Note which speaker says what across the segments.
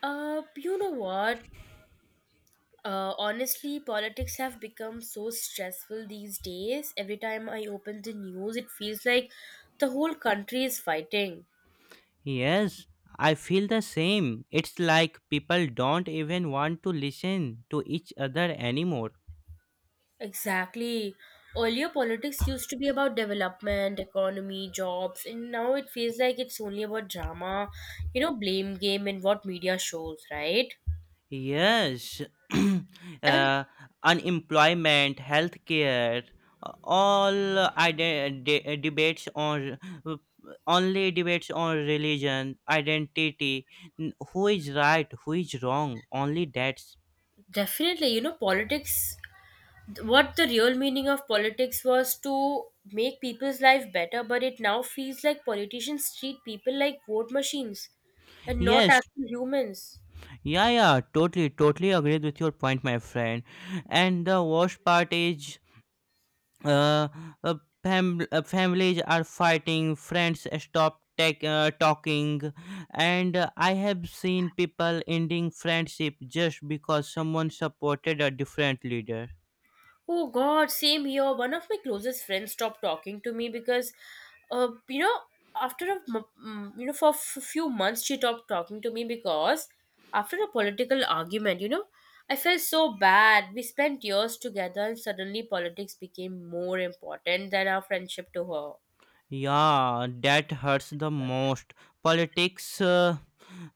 Speaker 1: You know what? Honestly, politics have become so stressful these days. Every time I open the news, it feels like the whole country is fighting.
Speaker 2: Yes, I feel the same. It's like people don't even want to listen to each other anymore.
Speaker 1: Exactly. Earlier, politics used to be about development, economy, jobs, and now it feels like it's only about drama, blame game and what media shows, right?
Speaker 2: Yes,
Speaker 1: And
Speaker 2: uh, unemployment, healthcare, debates on uh, only debates on religion, identity, who is right, who is wrong, only that's.
Speaker 1: definitely, politics. What the real meaning of politics was to make people's life better, but it now feels like politicians treat people like vote machines and not
Speaker 2: Yes,
Speaker 1: actual humans.
Speaker 2: yeah, yeah, totally, totally agreed with your point, my friend. And the worst part is uh, uh, families are fighting friends stop talking and I have seen people ending friendship just because someone supported a different leader.
Speaker 1: Oh god, same here. One of my closest friends stopped talking to me because uh, you know after a m- m- for a few months she stopped talking to me because after a political argument. I felt so bad. We spent years together and suddenly politics became more important than our friendship to her.
Speaker 2: Yeah, that hurts the most. politics uh,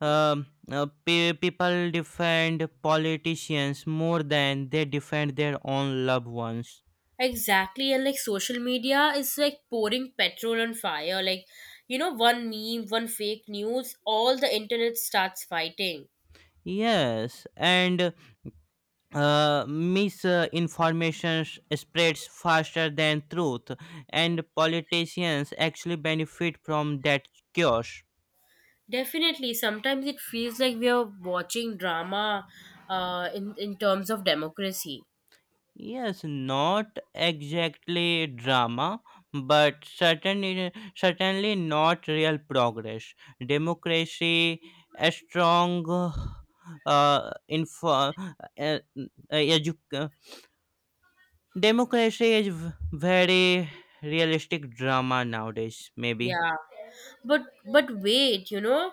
Speaker 2: um, uh, pe- people defend politicians more than they defend their own loved ones.
Speaker 1: Exactly, and like social media is like pouring petrol on fire. Like, one meme, one fake news, all the internet starts fighting.
Speaker 2: Yes, and misinformation spreads faster than truth, and politicians actually benefit from that chaos.
Speaker 1: Definitely, sometimes it feels like we are watching drama in terms of democracy.
Speaker 2: Yes, not exactly drama, but certainly, certainly not real progress. Democracy, a strong uh, info, uh, uh, edu- uh, democracy is very realistic drama nowadays, maybe.
Speaker 1: Yeah. But but wait,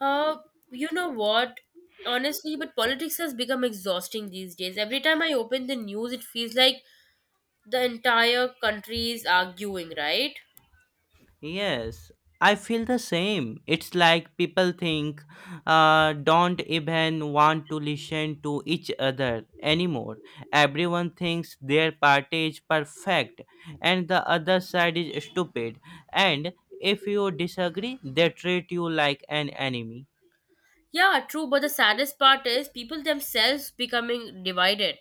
Speaker 1: uh, you know what? Honestly, but politics has become exhausting these days. Every time I open the news, it feels like the entire country is arguing, right?
Speaker 2: Yes, I feel the same. It's like people think don't even want to listen to each other anymore. Everyone thinks their party is perfect and the other side is stupid. And if you disagree, they treat you like an enemy.
Speaker 1: Yeah, true, but the saddest part is people themselves becoming divided,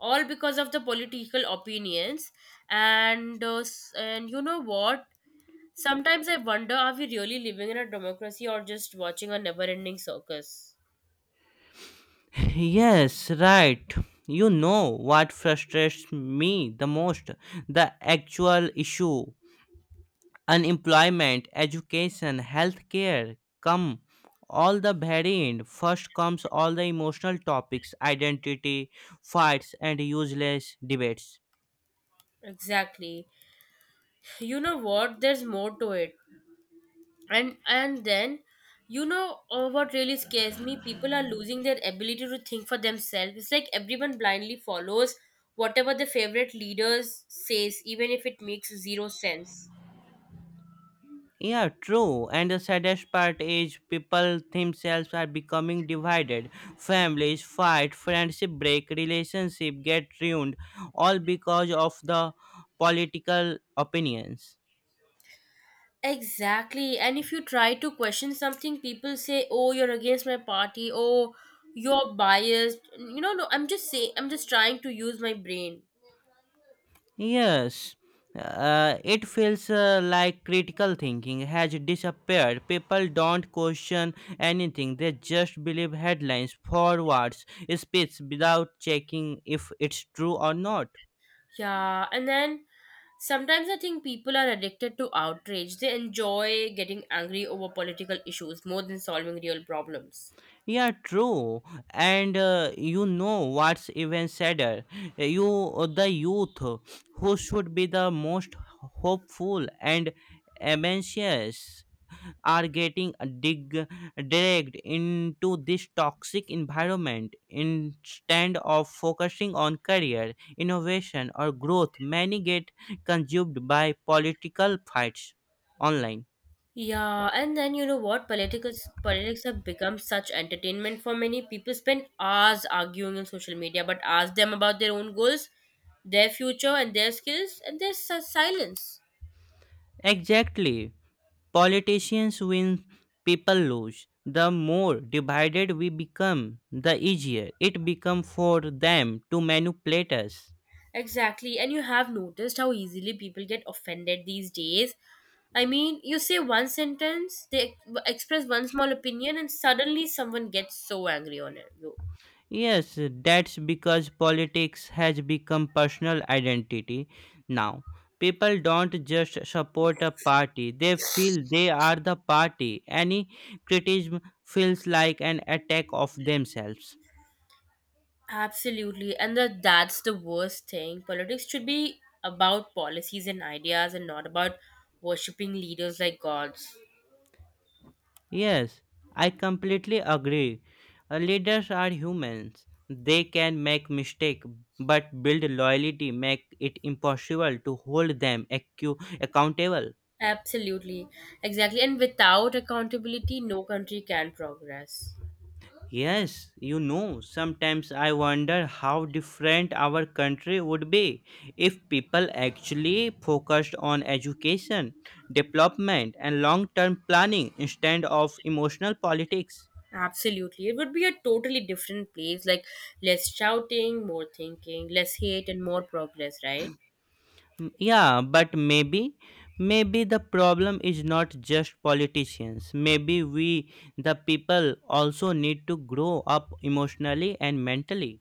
Speaker 1: all because of the political opinions. And you know what? Sometimes I wonder, are we really living in a democracy or just watching a never-ending circus?
Speaker 2: Yes, right. You know what frustrates me the most? The actual issue: unemployment, education, healthcare come all the very end. First comes all the emotional topics, identity, fights, and useless debates.
Speaker 1: Exactly. You know what? There's more to it. And then what really scares me, people are losing their ability to think for themselves. It's like everyone blindly follows whatever their favorite leaders says, even if it makes zero sense.
Speaker 2: Yeah, true. And the saddest part is people themselves are becoming divided. Families fight, friendship break, relationship get ruined, all because of the political opinions.
Speaker 1: Exactly. And if you try to question something, people say, oh, you're against my party, oh, you're biased. No, I'm just saying, I'm just trying to use my brain.
Speaker 2: Yes, it feels like critical thinking has disappeared. People don't question anything, they just believe headlines, forwards, speech without checking if it's true or not.
Speaker 1: Yeah, and then sometimes I think people are addicted to outrage. They enjoy getting angry over political issues more than solving real problems.
Speaker 2: Yeah, true. And you know what's even sadder? You, the youth, who should be the most hopeful and ambitious, are getting dig- dragged into this toxic environment. Instead of focusing on career innovation or growth, many get consumed by political fights online.
Speaker 1: Yeah, and then you know what? Politics have become such entertainment for many people. Spend hours arguing on social media, but ask them about their own goals, their future, and their skills, and there's silence.
Speaker 2: Exactly. Politicians win, people lose. The more divided we become, the easier it becomes for them to manipulate us.
Speaker 1: Exactly. And you have noticed how easily people get offended these days. I mean, you say one sentence, they express one small opinion, and suddenly someone gets so angry on it. No.
Speaker 2: Yes, that's because politics has become personal identity now. People don't just support a party, they feel they are the party. Any criticism feels like an attack of themselves.
Speaker 1: Absolutely. And that's the worst thing. Politics should be about policies and ideas and not about worshipping leaders like gods.
Speaker 2: Yes, I completely agree. Leaders are humans. They can make mistakes, but build loyalty make it impossible to hold them accountable.
Speaker 1: Absolutely. Exactly. And without accountability, no country can progress.
Speaker 2: Yes, you know, sometimes I wonder how different our country would be if people actually focused on education, development, and long term planning instead of emotional politics.
Speaker 1: Absolutely. It would be a totally different place, like less shouting, more thinking, less hate, and more progress, right?
Speaker 2: Mm, yeah, but maybe, maybe the problem is not just politicians. Maybe we, the people, also need to grow up emotionally and mentally.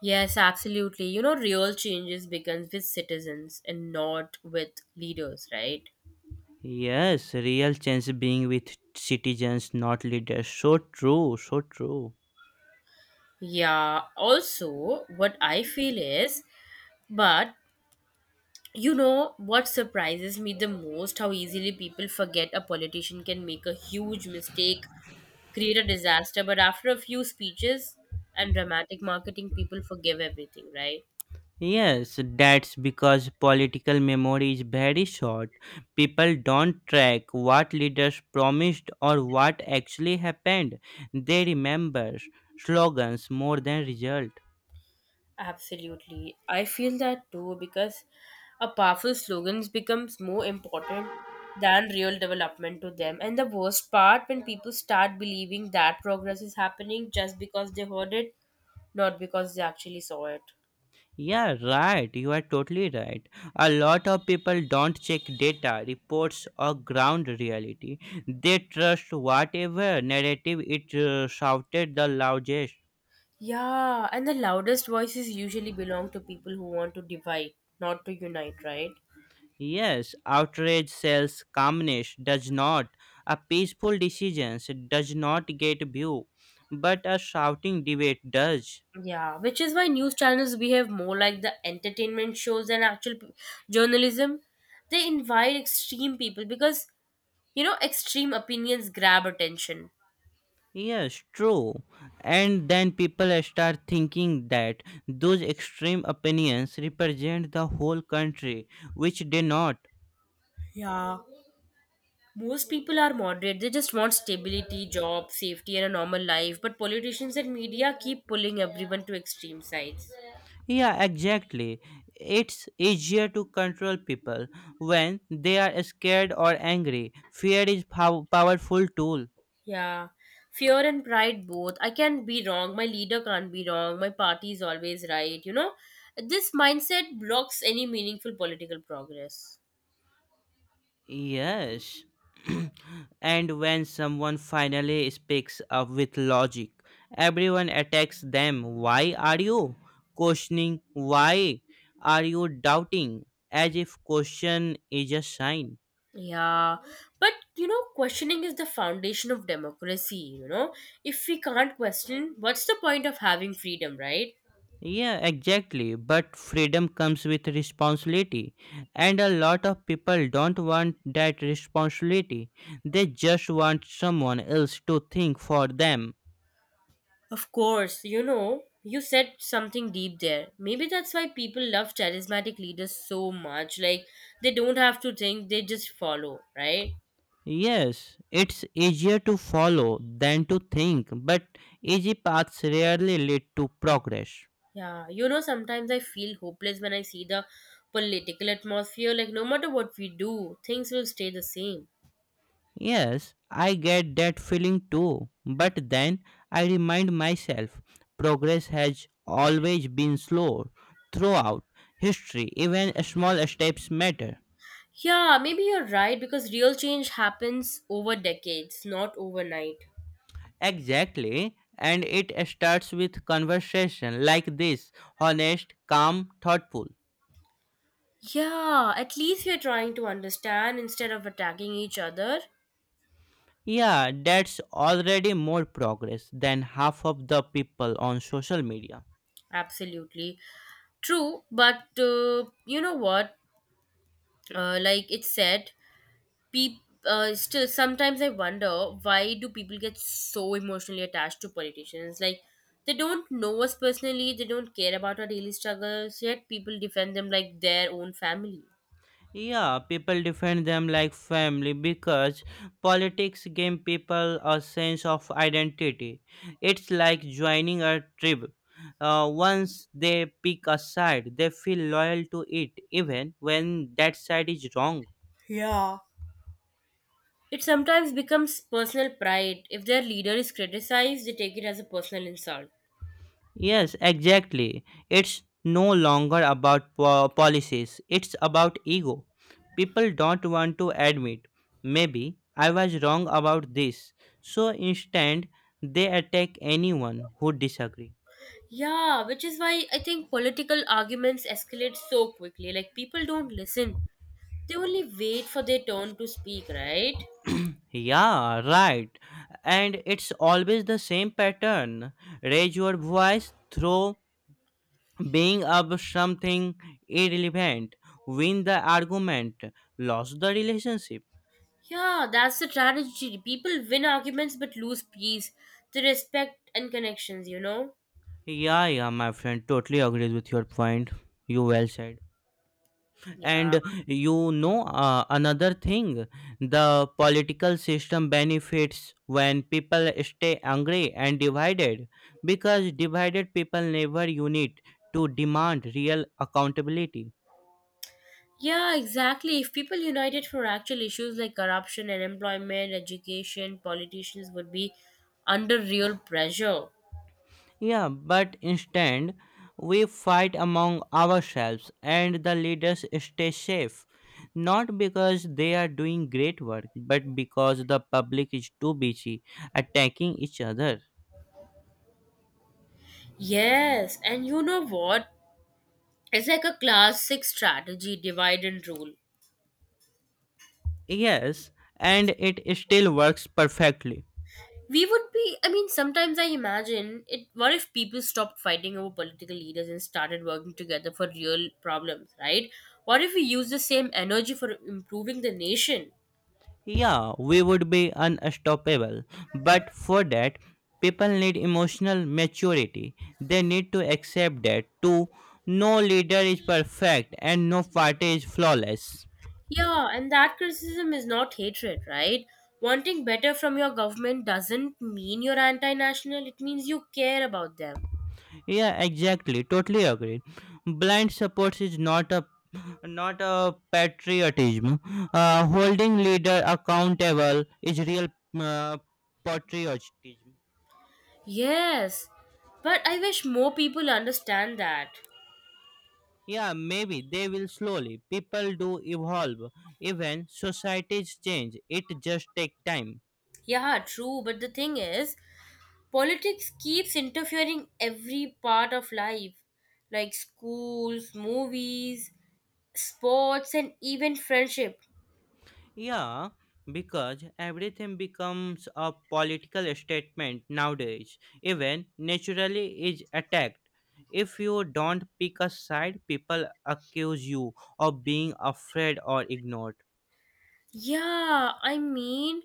Speaker 1: Yes, absolutely. You know, real changes begins with citizens and not with leaders, right?
Speaker 2: Yes, real change being with citizens, not leaders. So true, so true.
Speaker 1: Yeah. Also, what I feel is, but you know what surprises me the most? How easily people forget a politician can make a huge mistake, create a disaster, but after a few speeches and dramatic marketing, people forgive everything, right?
Speaker 2: Yes, that's because political memory is very short. People don't track what leaders promised or what actually happened. They remember slogans more than results.
Speaker 1: Absolutely. I feel that too because a powerful slogans becomes more important than real development to them. And the worst part, when people start believing that progress is happening just because they heard it, not because they actually saw it.
Speaker 2: Yeah, right. You are totally right. A lot of people don't check data, reports, or ground reality. They trust whatever narrative it shouted the loudest.
Speaker 1: Yeah, and the loudest voices usually belong to people who want to divide, not to unite, right?
Speaker 2: Yes, outrage sells, calmness does not. A peaceful decision does not get view, but a shouting debate does.
Speaker 1: Yeah, which is why news channels behave more like the entertainment shows than actual journalism. They invite extreme people because extreme opinions grab attention.
Speaker 2: Yes, true. And then people start thinking that those extreme opinions represent the whole country, which they not.
Speaker 1: Yeah. Most people are moderate. They just want stability, job, safety, and a normal life. But politicians and media keep pulling everyone to extreme sides.
Speaker 2: Yeah, exactly. It's easier to control people when they are scared or angry. Fear is powerful tool.
Speaker 1: Yeah. Fear and pride both. I can't be wrong. My leader can't be wrong. My party is always right. You know, this mindset blocks any meaningful political progress.
Speaker 2: Yes. And when someone finally speaks up with logic, everyone attacks them. Why are you questioning? Why are you doubting? As if question is a sign.
Speaker 1: Yeah, but questioning is the foundation of democracy. If we can't question, what's the point of having freedom, right?
Speaker 2: Yeah, exactly. But freedom comes with responsibility. And a lot of people don't want that responsibility. They just want someone else to think for them.
Speaker 1: Of course. You said something deep there. Maybe that's why people love charismatic leaders so much. Like, they don't have to think, they just follow, right?
Speaker 2: Yes, it's easier to follow than to think, but easy paths rarely lead to progress.
Speaker 1: Yeah, sometimes I feel hopeless when I see the political atmosphere. Like, no matter what we do, things will stay the same.
Speaker 2: Yes, I get that feeling too, but then I remind myself progress has always been slow throughout history. Even small steps matter.
Speaker 1: Yeah, maybe you're right because real change happens over decades, not overnight.
Speaker 2: Exactly, and it starts with conversation like this: honest, calm, thoughtful.
Speaker 1: Yeah, at least we're trying to understand instead of attacking each other.
Speaker 2: Yeah, that's already more progress than half of the people on social media.
Speaker 1: Absolutely. True, but you know what? Like it said, people still sometimes I wonder, why do people get so emotionally attached to politicians? Like they don't know us personally, they don't care about our daily struggles, yet people defend them like their own family.
Speaker 2: Yeah, people defend them like family because politics give people a sense of identity. It's like joining a tribe. Once they pick a side, they feel loyal to it even when that side is wrong.
Speaker 1: Yeah. It sometimes becomes personal pride. If their leader is criticized, they take it as a personal insult.
Speaker 2: Yes, exactly. It's no longer about policies, it's about ego. People don't want to admit, maybe I was wrong about this. So instead, they attack anyone who disagrees.
Speaker 1: Yeah, which is why I think political arguments escalate so quickly. Like, people don't listen, they only wait for their turn to speak, right?
Speaker 2: Yeah, right. And it's always the same pattern. Raise your voice through being of something irrelevant, win the argument, lose the relationship.
Speaker 1: Yeah, that's the tragedy. People win arguments but lose peace, the respect and connections, you know?
Speaker 2: Yeah, yeah, my friend, totally agrees with your point. You well said.
Speaker 1: Yeah.
Speaker 2: And you know, another thing, the political system benefits when people stay angry and divided, because divided people never unite to demand real accountability.
Speaker 1: Yeah, exactly. If people united for actual issues like corruption and employment, education, politicians would be under real pressure.
Speaker 2: Yeah, but instead, we fight among ourselves and the leaders stay safe. Not because they are doing great work, but because the public is too busy attacking each other.
Speaker 1: Yes, and you know what? It's like a classic strategy, divide and rule.
Speaker 2: Yes, and it still works perfectly.
Speaker 1: We would be, I mean, sometimes I imagine it. What if people stopped fighting over political leaders and started working together for real problems, right? What if we use the same energy for improving the nation?
Speaker 2: Yeah, we would be unstoppable, but for that, people need emotional maturity. They need to accept that, too, no leader is perfect and no party is flawless.
Speaker 1: Yeah, and that criticism is not hatred, right? Wanting better from your government doesn't mean you're anti national, it means you care about them.
Speaker 2: Yeah, exactly. Totally agreed. Blind support is not a patriotism. Holding leader accountable is real uh, patriotism.
Speaker 1: Yes, but I wish more people understand that.
Speaker 2: Yeah, maybe they will slowly. People do evolve. Even societies change. It just take time.
Speaker 1: Yeah, true. But the thing is, politics keeps interfering every part of life, like schools, movies, sports, and even friendship.
Speaker 2: Yeah, because everything becomes a political statement nowadays. Even naturally is attacked. If you don't pick a side, people accuse you of being afraid or ignored.
Speaker 1: Yeah, I mean,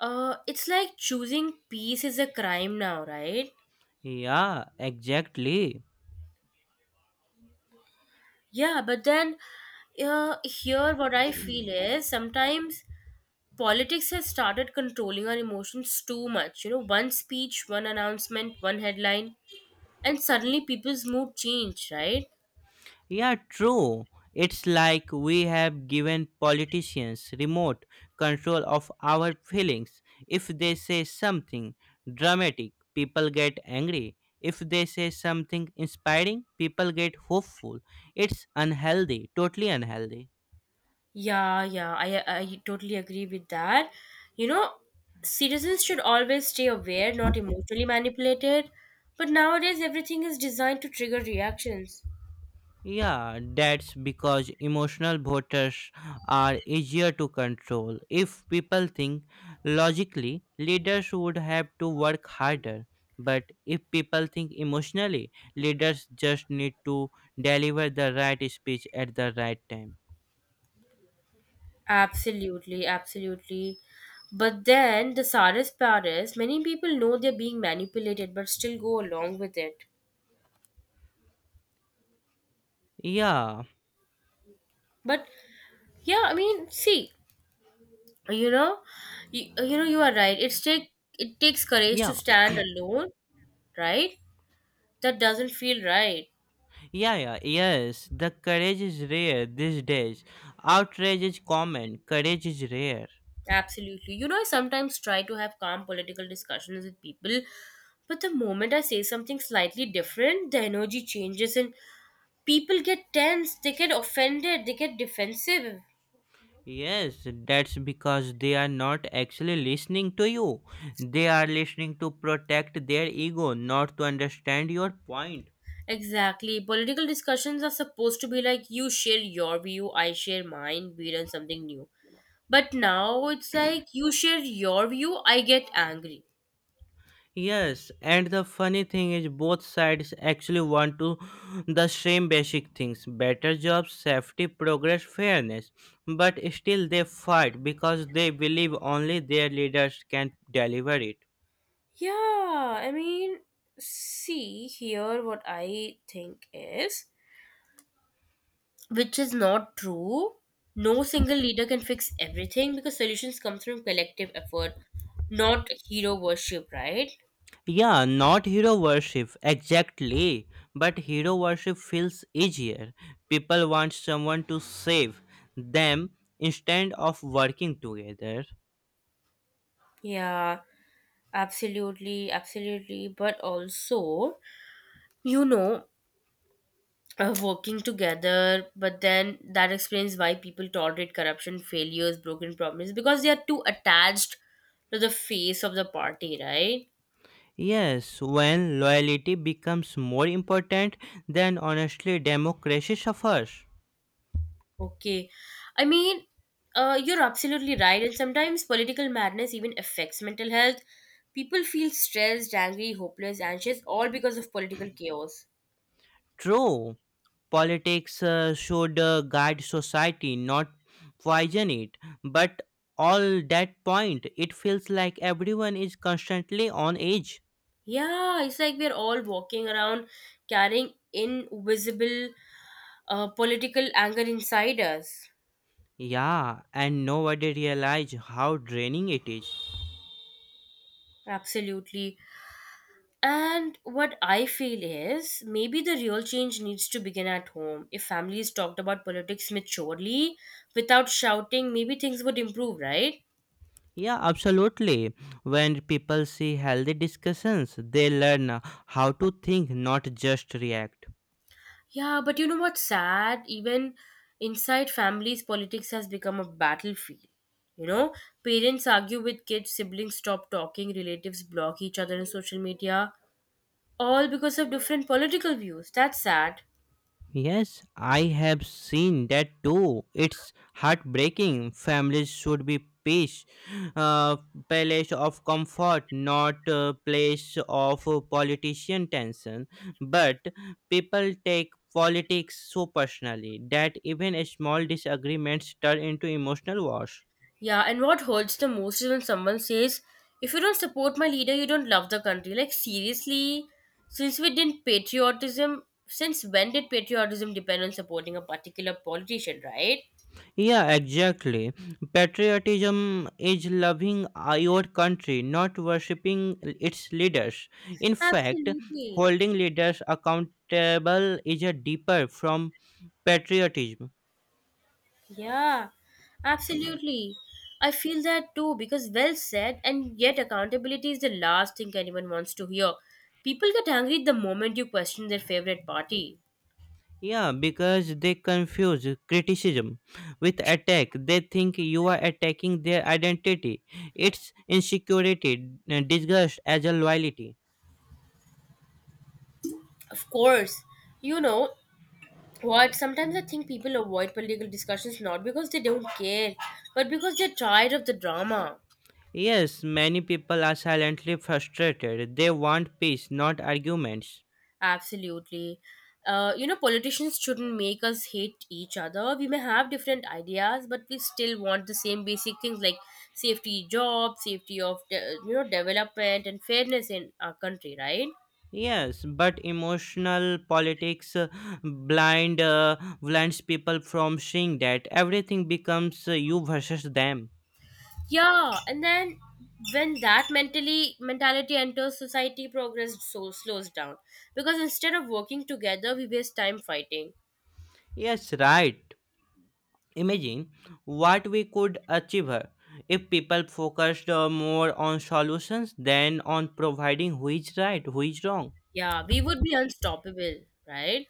Speaker 1: it's like choosing peace is a crime now, right?
Speaker 2: Yeah, exactly.
Speaker 1: Yeah, but then here what I feel is, sometimes politics has started controlling our emotions too much. You know, one speech, one announcement, one headline, and suddenly people's mood change, right?
Speaker 2: Yeah, true. It's like we have given politicians remote control of our feelings. If they say something dramatic, people get angry. If they say something inspiring, people get hopeful. It's unhealthy, totally unhealthy.
Speaker 1: Yeah, yeah, I totally agree with that. You know, citizens should always stay aware, not emotionally manipulated. But nowadays, everything is designed to trigger reactions.
Speaker 2: Yeah, that's because emotional voters are easier to control. If people think logically, leaders would have to work harder. But if people think emotionally, leaders just need to deliver the right speech at the right time.
Speaker 1: Absolutely, absolutely. But then, the saddest part is many people know they're being manipulated but still go along with it.
Speaker 2: Yeah,
Speaker 1: But yeah, I mean, see, you know, you are right. It takes courage to
Speaker 2: yeah,
Speaker 1: stand alone, right? That doesn't feel right.
Speaker 2: yeah, yes. The courage is rare these days. Outrage is common, courage is rare.
Speaker 1: Absolutely. I sometimes try to have calm political discussions with people, but the moment I say something slightly different, the energy changes and people get tense, they get offended, they get defensive.
Speaker 2: Yes, that's because they are not actually listening to you. They are listening to protect their ego, not to understand your point.
Speaker 1: Exactly. Political discussions are supposed to be like, you share your view, I share mine, we learn something new. But now it's like, you share your view, I get angry.
Speaker 2: Yes, and the funny thing is both sides actually want to the same basic things: better jobs, safety, progress, fairness. But still they fight because they believe only their leaders can deliver it.
Speaker 1: Yeah, I mean, see here what I think is, which is not true. No single leader can fix everything because solutions comes from collective effort, not hero worship, right?
Speaker 2: Yeah, not hero worship, exactly. But hero worship feels easier. People want someone to save them instead of working together.
Speaker 1: Yeah, absolutely, absolutely. But also, you know, working together, but then that explains why people tolerate corruption, failures, broken promises because they are too attached to the face of the party, right?
Speaker 2: Yes, when loyalty becomes more important, then honestly, democracy suffers.
Speaker 1: Okay. I mean, you're absolutely right. And sometimes political madness even affects mental health. People feel stressed, angry, hopeless, anxious, all because of political chaos.
Speaker 2: True, politics should guide society, not poison it. But all that point, it feels like everyone is constantly on edge.
Speaker 1: Yeah, it's like we're all walking around carrying invisible political anger inside us.
Speaker 2: Yeah, and nobody realize how draining it is.
Speaker 1: Absolutely. And what I feel is, maybe the real change needs to begin at home. If families talked about politics maturely without shouting, maybe things would improve, right?
Speaker 2: Yeah, absolutely. When people see healthy discussions, they learn how to think, not just react.
Speaker 1: Yeah, but you know what's sad? Even inside families, politics has become a battlefield. You know, Parents argue with kids, siblings stop talking, relatives block each other on social media, all because of different political views. That's sad.
Speaker 2: Yes, I have seen that too. It's heartbreaking. Families should be peace, uh, place of comfort, not a place of politician tension. But people take politics so personally that even small disagreements turn into emotional wars.
Speaker 1: Yeah, and what hurts the most is when someone says, if you don't support my leader, you don't love the country. Like, seriously? Since we didn't patriotism, since when did patriotism depend on supporting a particular politician, right?
Speaker 2: Yeah, exactly. Patriotism is loving your country, not worshipping its leaders. In fact,
Speaker 1: Absolutely.
Speaker 2: holding leaders accountable is a deeper from patriotism.
Speaker 1: Yeah, absolutely. I feel that too because, well said, and yet accountability is the last thing anyone wants to hear. People get angry the moment you question their favorite party.
Speaker 2: Yeah, because they confuse criticism with attack. They think you are attacking their identity. It's insecurity disguised as a loyalty.
Speaker 1: Of course, you know what? Sometimes I think people avoid political discussions not because they don't care, but because they're tired of the drama.
Speaker 2: Yes, many people are silently frustrated. They want peace, not arguments.
Speaker 1: Absolutely. Politicians shouldn't make us hate each other. We may have different ideas, but we still want the same basic things like safety, job, safety of development and fairness in our country, right?
Speaker 2: Yes, but emotional politics blind blinds people from seeing that everything becomes you versus them.
Speaker 1: Yeah, and then when that mentally mentality enters society, progress so slows down because instead of working together, we waste time fighting.
Speaker 2: Yes, right. Imagine what we could achieve here if people focused more on solutions than on providing who is right, who is wrong.
Speaker 1: Yeah, we would be unstoppable, right?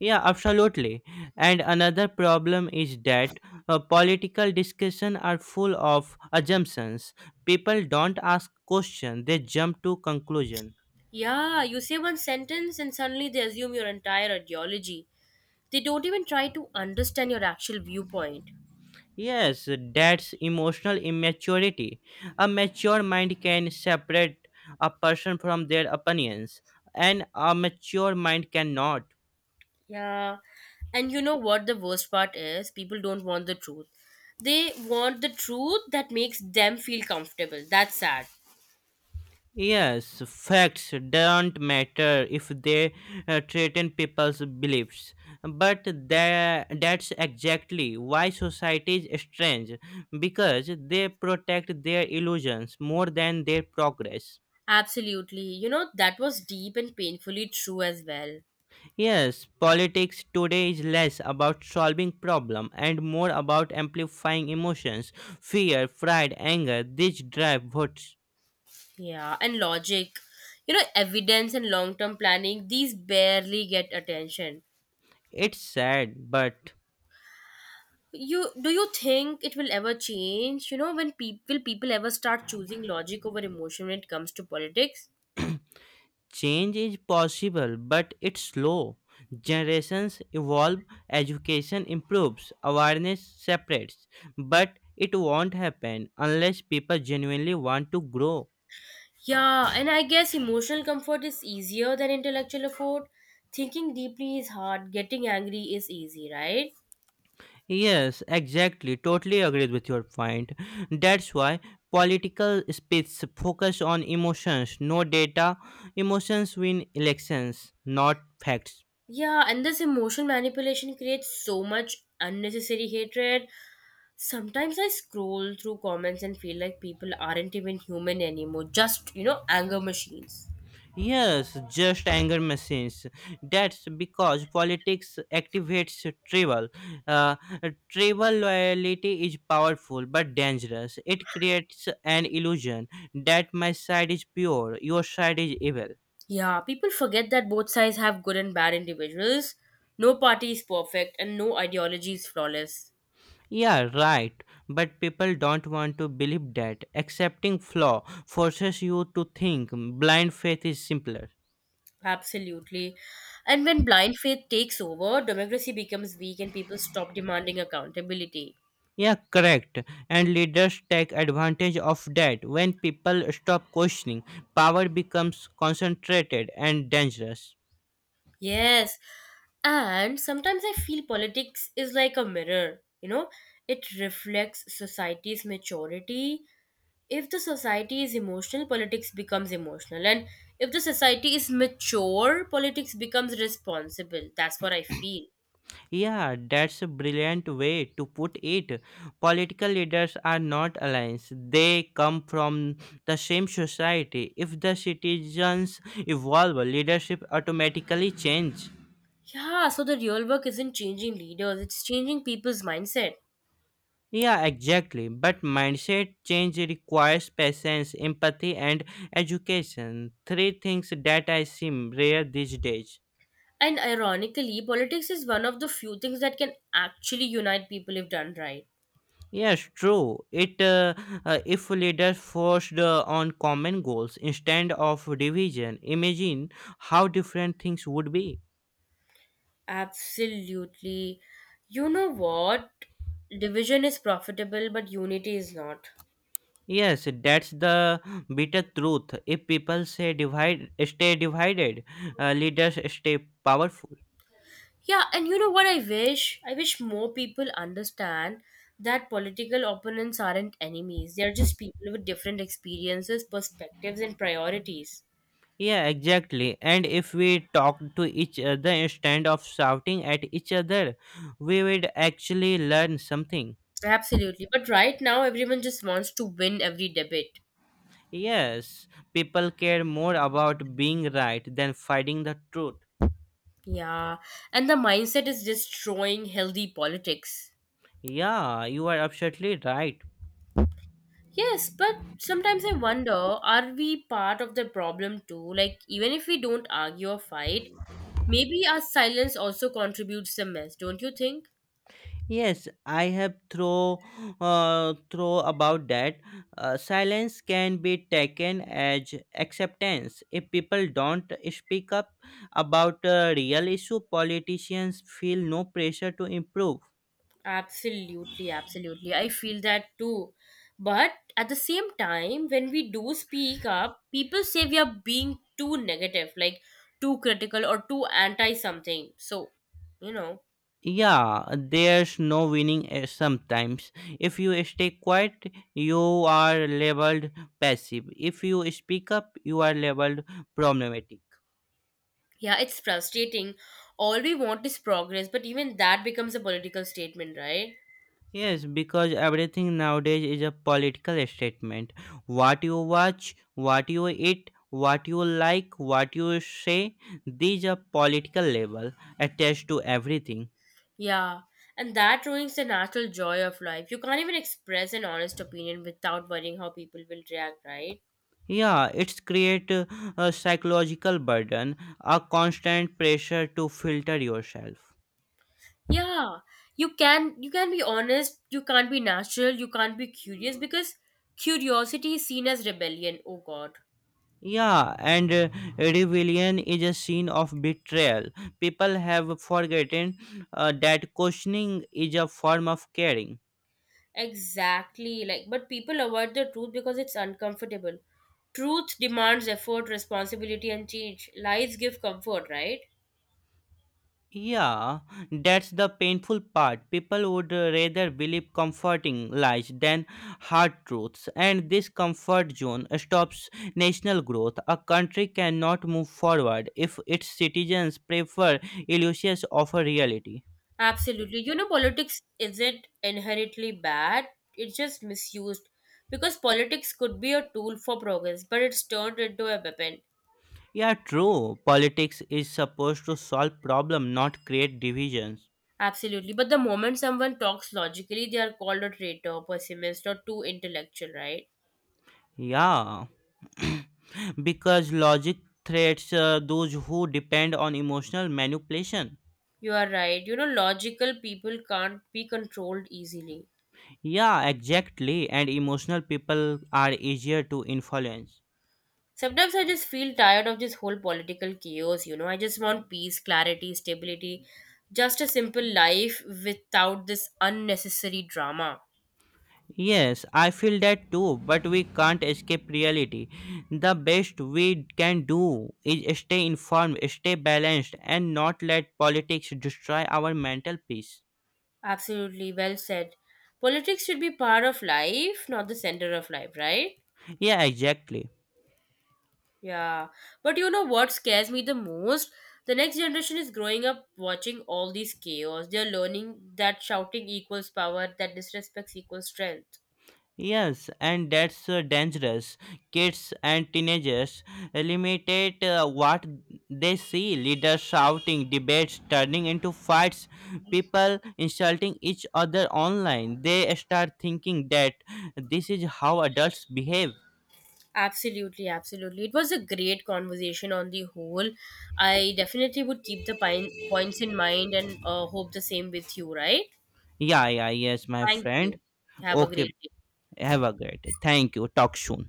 Speaker 2: Yeah, absolutely. And another problem is that political discussion are full of assumptions. People don't ask questions; they jump to conclusion.
Speaker 1: Yeah, you say one sentence and suddenly they assume your entire ideology. They don't even try to understand your actual viewpoint.
Speaker 2: Yes, that's emotional immaturity. A mature mind can separate a person from their opinions, and a mature mind cannot.
Speaker 1: Yeah. And you know what the worst part is? People don't want the truth. They want the truth that makes them feel comfortable. That's sad.
Speaker 2: Yes, facts don't matter if they threaten people's beliefs. But that's exactly why society is strange, because they protect their illusions more than their progress.
Speaker 1: Absolutely. You know, that was deep and painfully true as well.
Speaker 2: Yes, politics today is less about solving problem and more about amplifying emotions: fear, pride, anger. These drive votes.
Speaker 1: Yeah, and logic. You know, evidence and long term planning, these barely get attention.
Speaker 2: It's sad, but
Speaker 1: You do you think it will ever change? You know, when people will people ever start choosing logic over emotion when it comes to politics?
Speaker 2: change is possible, but it's slow. Generations evolve, education improves, awareness separates, but it won't happen unless people genuinely want to grow.
Speaker 1: Yeah, and I guess emotional comfort is easier than intellectual effort. Thinking deeply is hard, getting angry is easy, right?
Speaker 2: Yes, exactly. Totally agreed with your point. That's why political speech focus on emotions, no data. Emotions win elections, not facts.
Speaker 1: Yeah, and this emotion manipulation creates so much unnecessary hatred. Sometimes I scroll through comments and feel like people aren't even human anymore, just, you know, anger machines.
Speaker 2: Yes, just anger machines. That's because politics activates tribal. Uh, tribal loyalty is powerful but dangerous. It creates an illusion that my side is pure, your side is evil.
Speaker 1: Yeah, people forget that both sides have good and bad individuals. No party is perfect, and no ideology is flawless.
Speaker 2: Yeah, right. But people don't want to believe that. Accepting flaw forces you to think blind faith is simpler.
Speaker 1: Absolutely. And when blind faith takes over, democracy becomes weak and people stop demanding accountability.
Speaker 2: Yeah, correct. And leaders take advantage of that. When people stop questioning, power becomes concentrated and dangerous.
Speaker 1: Yes. And sometimes I feel politics is like a mirror, you know, it reflects society's maturity. If the society is emotional, politics becomes emotional. And if the society is mature, politics becomes responsible. That's what I feel.
Speaker 2: Yeah, that's a brilliant way to put it. Political leaders are not allies, they come from the same society. If the citizens evolve, leadership automatically changes.
Speaker 1: Yeah, so the real work isn't changing leaders, it's changing people's mindset.
Speaker 2: Yeah, exactly. But mindset change requires patience, empathy, and education. Three things that I seem rare these days.
Speaker 1: And ironically, politics is one of the few things that can actually unite people if done right.
Speaker 2: Yes, true. It if leaders forced on common goals instead of division, imagine how different things would be.
Speaker 1: Absolutely. You know what? Division is profitable, but unity is not.
Speaker 2: Yes, that's the bitter truth. If people say divide, stay divided, leaders stay powerful.
Speaker 1: Yeah, and you know what I wish? I wish more people understand that political opponents aren't enemies. They're just people with different experiences, perspectives, and priorities.
Speaker 2: Yeah, exactly. And if we talk to each other instead of shouting at each other, we would actually learn something.
Speaker 1: Absolutely. But right now, everyone just wants to win every debate.
Speaker 2: Yes, people care more about being right than finding the truth.
Speaker 1: Yeah, and the mindset is destroying healthy politics.
Speaker 2: Yeah, you are absolutely right.
Speaker 1: Yes, but sometimes I wonder, are we part of the problem too? Like, even if we don't argue or fight, maybe our silence also contributes the mess, don't you think?
Speaker 2: Yes, I have throw about that. Silence can be taken as acceptance. If people don't speak up about a real issue, politicians feel no pressure to improve.
Speaker 1: Absolutely, absolutely. I feel that too. But at the same time, when we do speak up, people say we are being too negative, like too critical or too anti something. So, you know.
Speaker 2: Yeah, there's no winning sometimes. If you stay quiet, you are labeled passive. If you speak up, you are labeled problematic.
Speaker 1: Yeah, it's frustrating. All we want is progress, but even that becomes a political statement, right?
Speaker 2: Yes, because everything nowadays is a political statement. What you watch, what you eat, what you like, what you say, these are political label attached to everything.
Speaker 1: Yeah, and that ruins the natural joy of life. You can't even express an honest opinion without worrying how people will react, right?
Speaker 2: Yeah, it's create a psychological burden, a constant pressure to filter yourself.
Speaker 1: Yeah, you can be honest, you can't be natural, you can't be curious because curiosity is seen as rebellion. Oh god.
Speaker 2: Yeah, and rebellion is a scene of betrayal. People have forgotten that questioning is a form of caring.
Speaker 1: Exactly. Like, but people avoid the truth because it's uncomfortable. Truth demands effort, responsibility, and change. Lies give comfort, right?
Speaker 2: Yeah, that's the painful part. People would rather believe comforting lies than hard truths, and this comfort zone stops national growth. A country cannot move forward if its citizens prefer illusions over reality.
Speaker 1: Absolutely. You know, politics isn't inherently bad, it's just misused. Because politics could be a tool for progress, but it's turned into a weapon.
Speaker 2: Yeah, true. Politics is supposed to solve problems, not create divisions.
Speaker 1: Absolutely. But the moment someone talks logically, they are called a traitor, pessimist, or too intellectual, right?
Speaker 2: Yeah. Because logic threats those who depend on emotional manipulation.
Speaker 1: You are right. You know, logical people can't be controlled easily.
Speaker 2: Yeah, exactly. And emotional people are easier to influence.
Speaker 1: Sometimes I just feel tired of this whole political chaos, you know. I just want peace, clarity, stability, just a simple life without this unnecessary drama.
Speaker 2: Yes, I feel that too, but we can't escape reality. The best we can do is stay informed, stay balanced, and not let politics destroy our mental peace.
Speaker 1: Absolutely, well said. Politics should be part of life, not the center of life, right?
Speaker 2: Yeah, exactly.
Speaker 1: Yeah. But you know what scares me the most? The next generation is growing up watching all these chaos. They're learning that shouting equals power, that disrespects equals strength.
Speaker 2: Yes, and that's dangerous. Kids and teenagers limited what they see leaders shouting, debates turning into fights, people insulting each other online. They start thinking that this is how adults behave.
Speaker 1: Absolutely, absolutely. It was a great conversation on the whole. I definitely would keep the pine points in mind and hope the same with you, right?
Speaker 2: Yeah, yeah, yes, my
Speaker 1: Thank
Speaker 2: friend.
Speaker 1: you. Have a great
Speaker 2: Okay,
Speaker 1: day.
Speaker 2: have a great day. Thank you. Talk soon.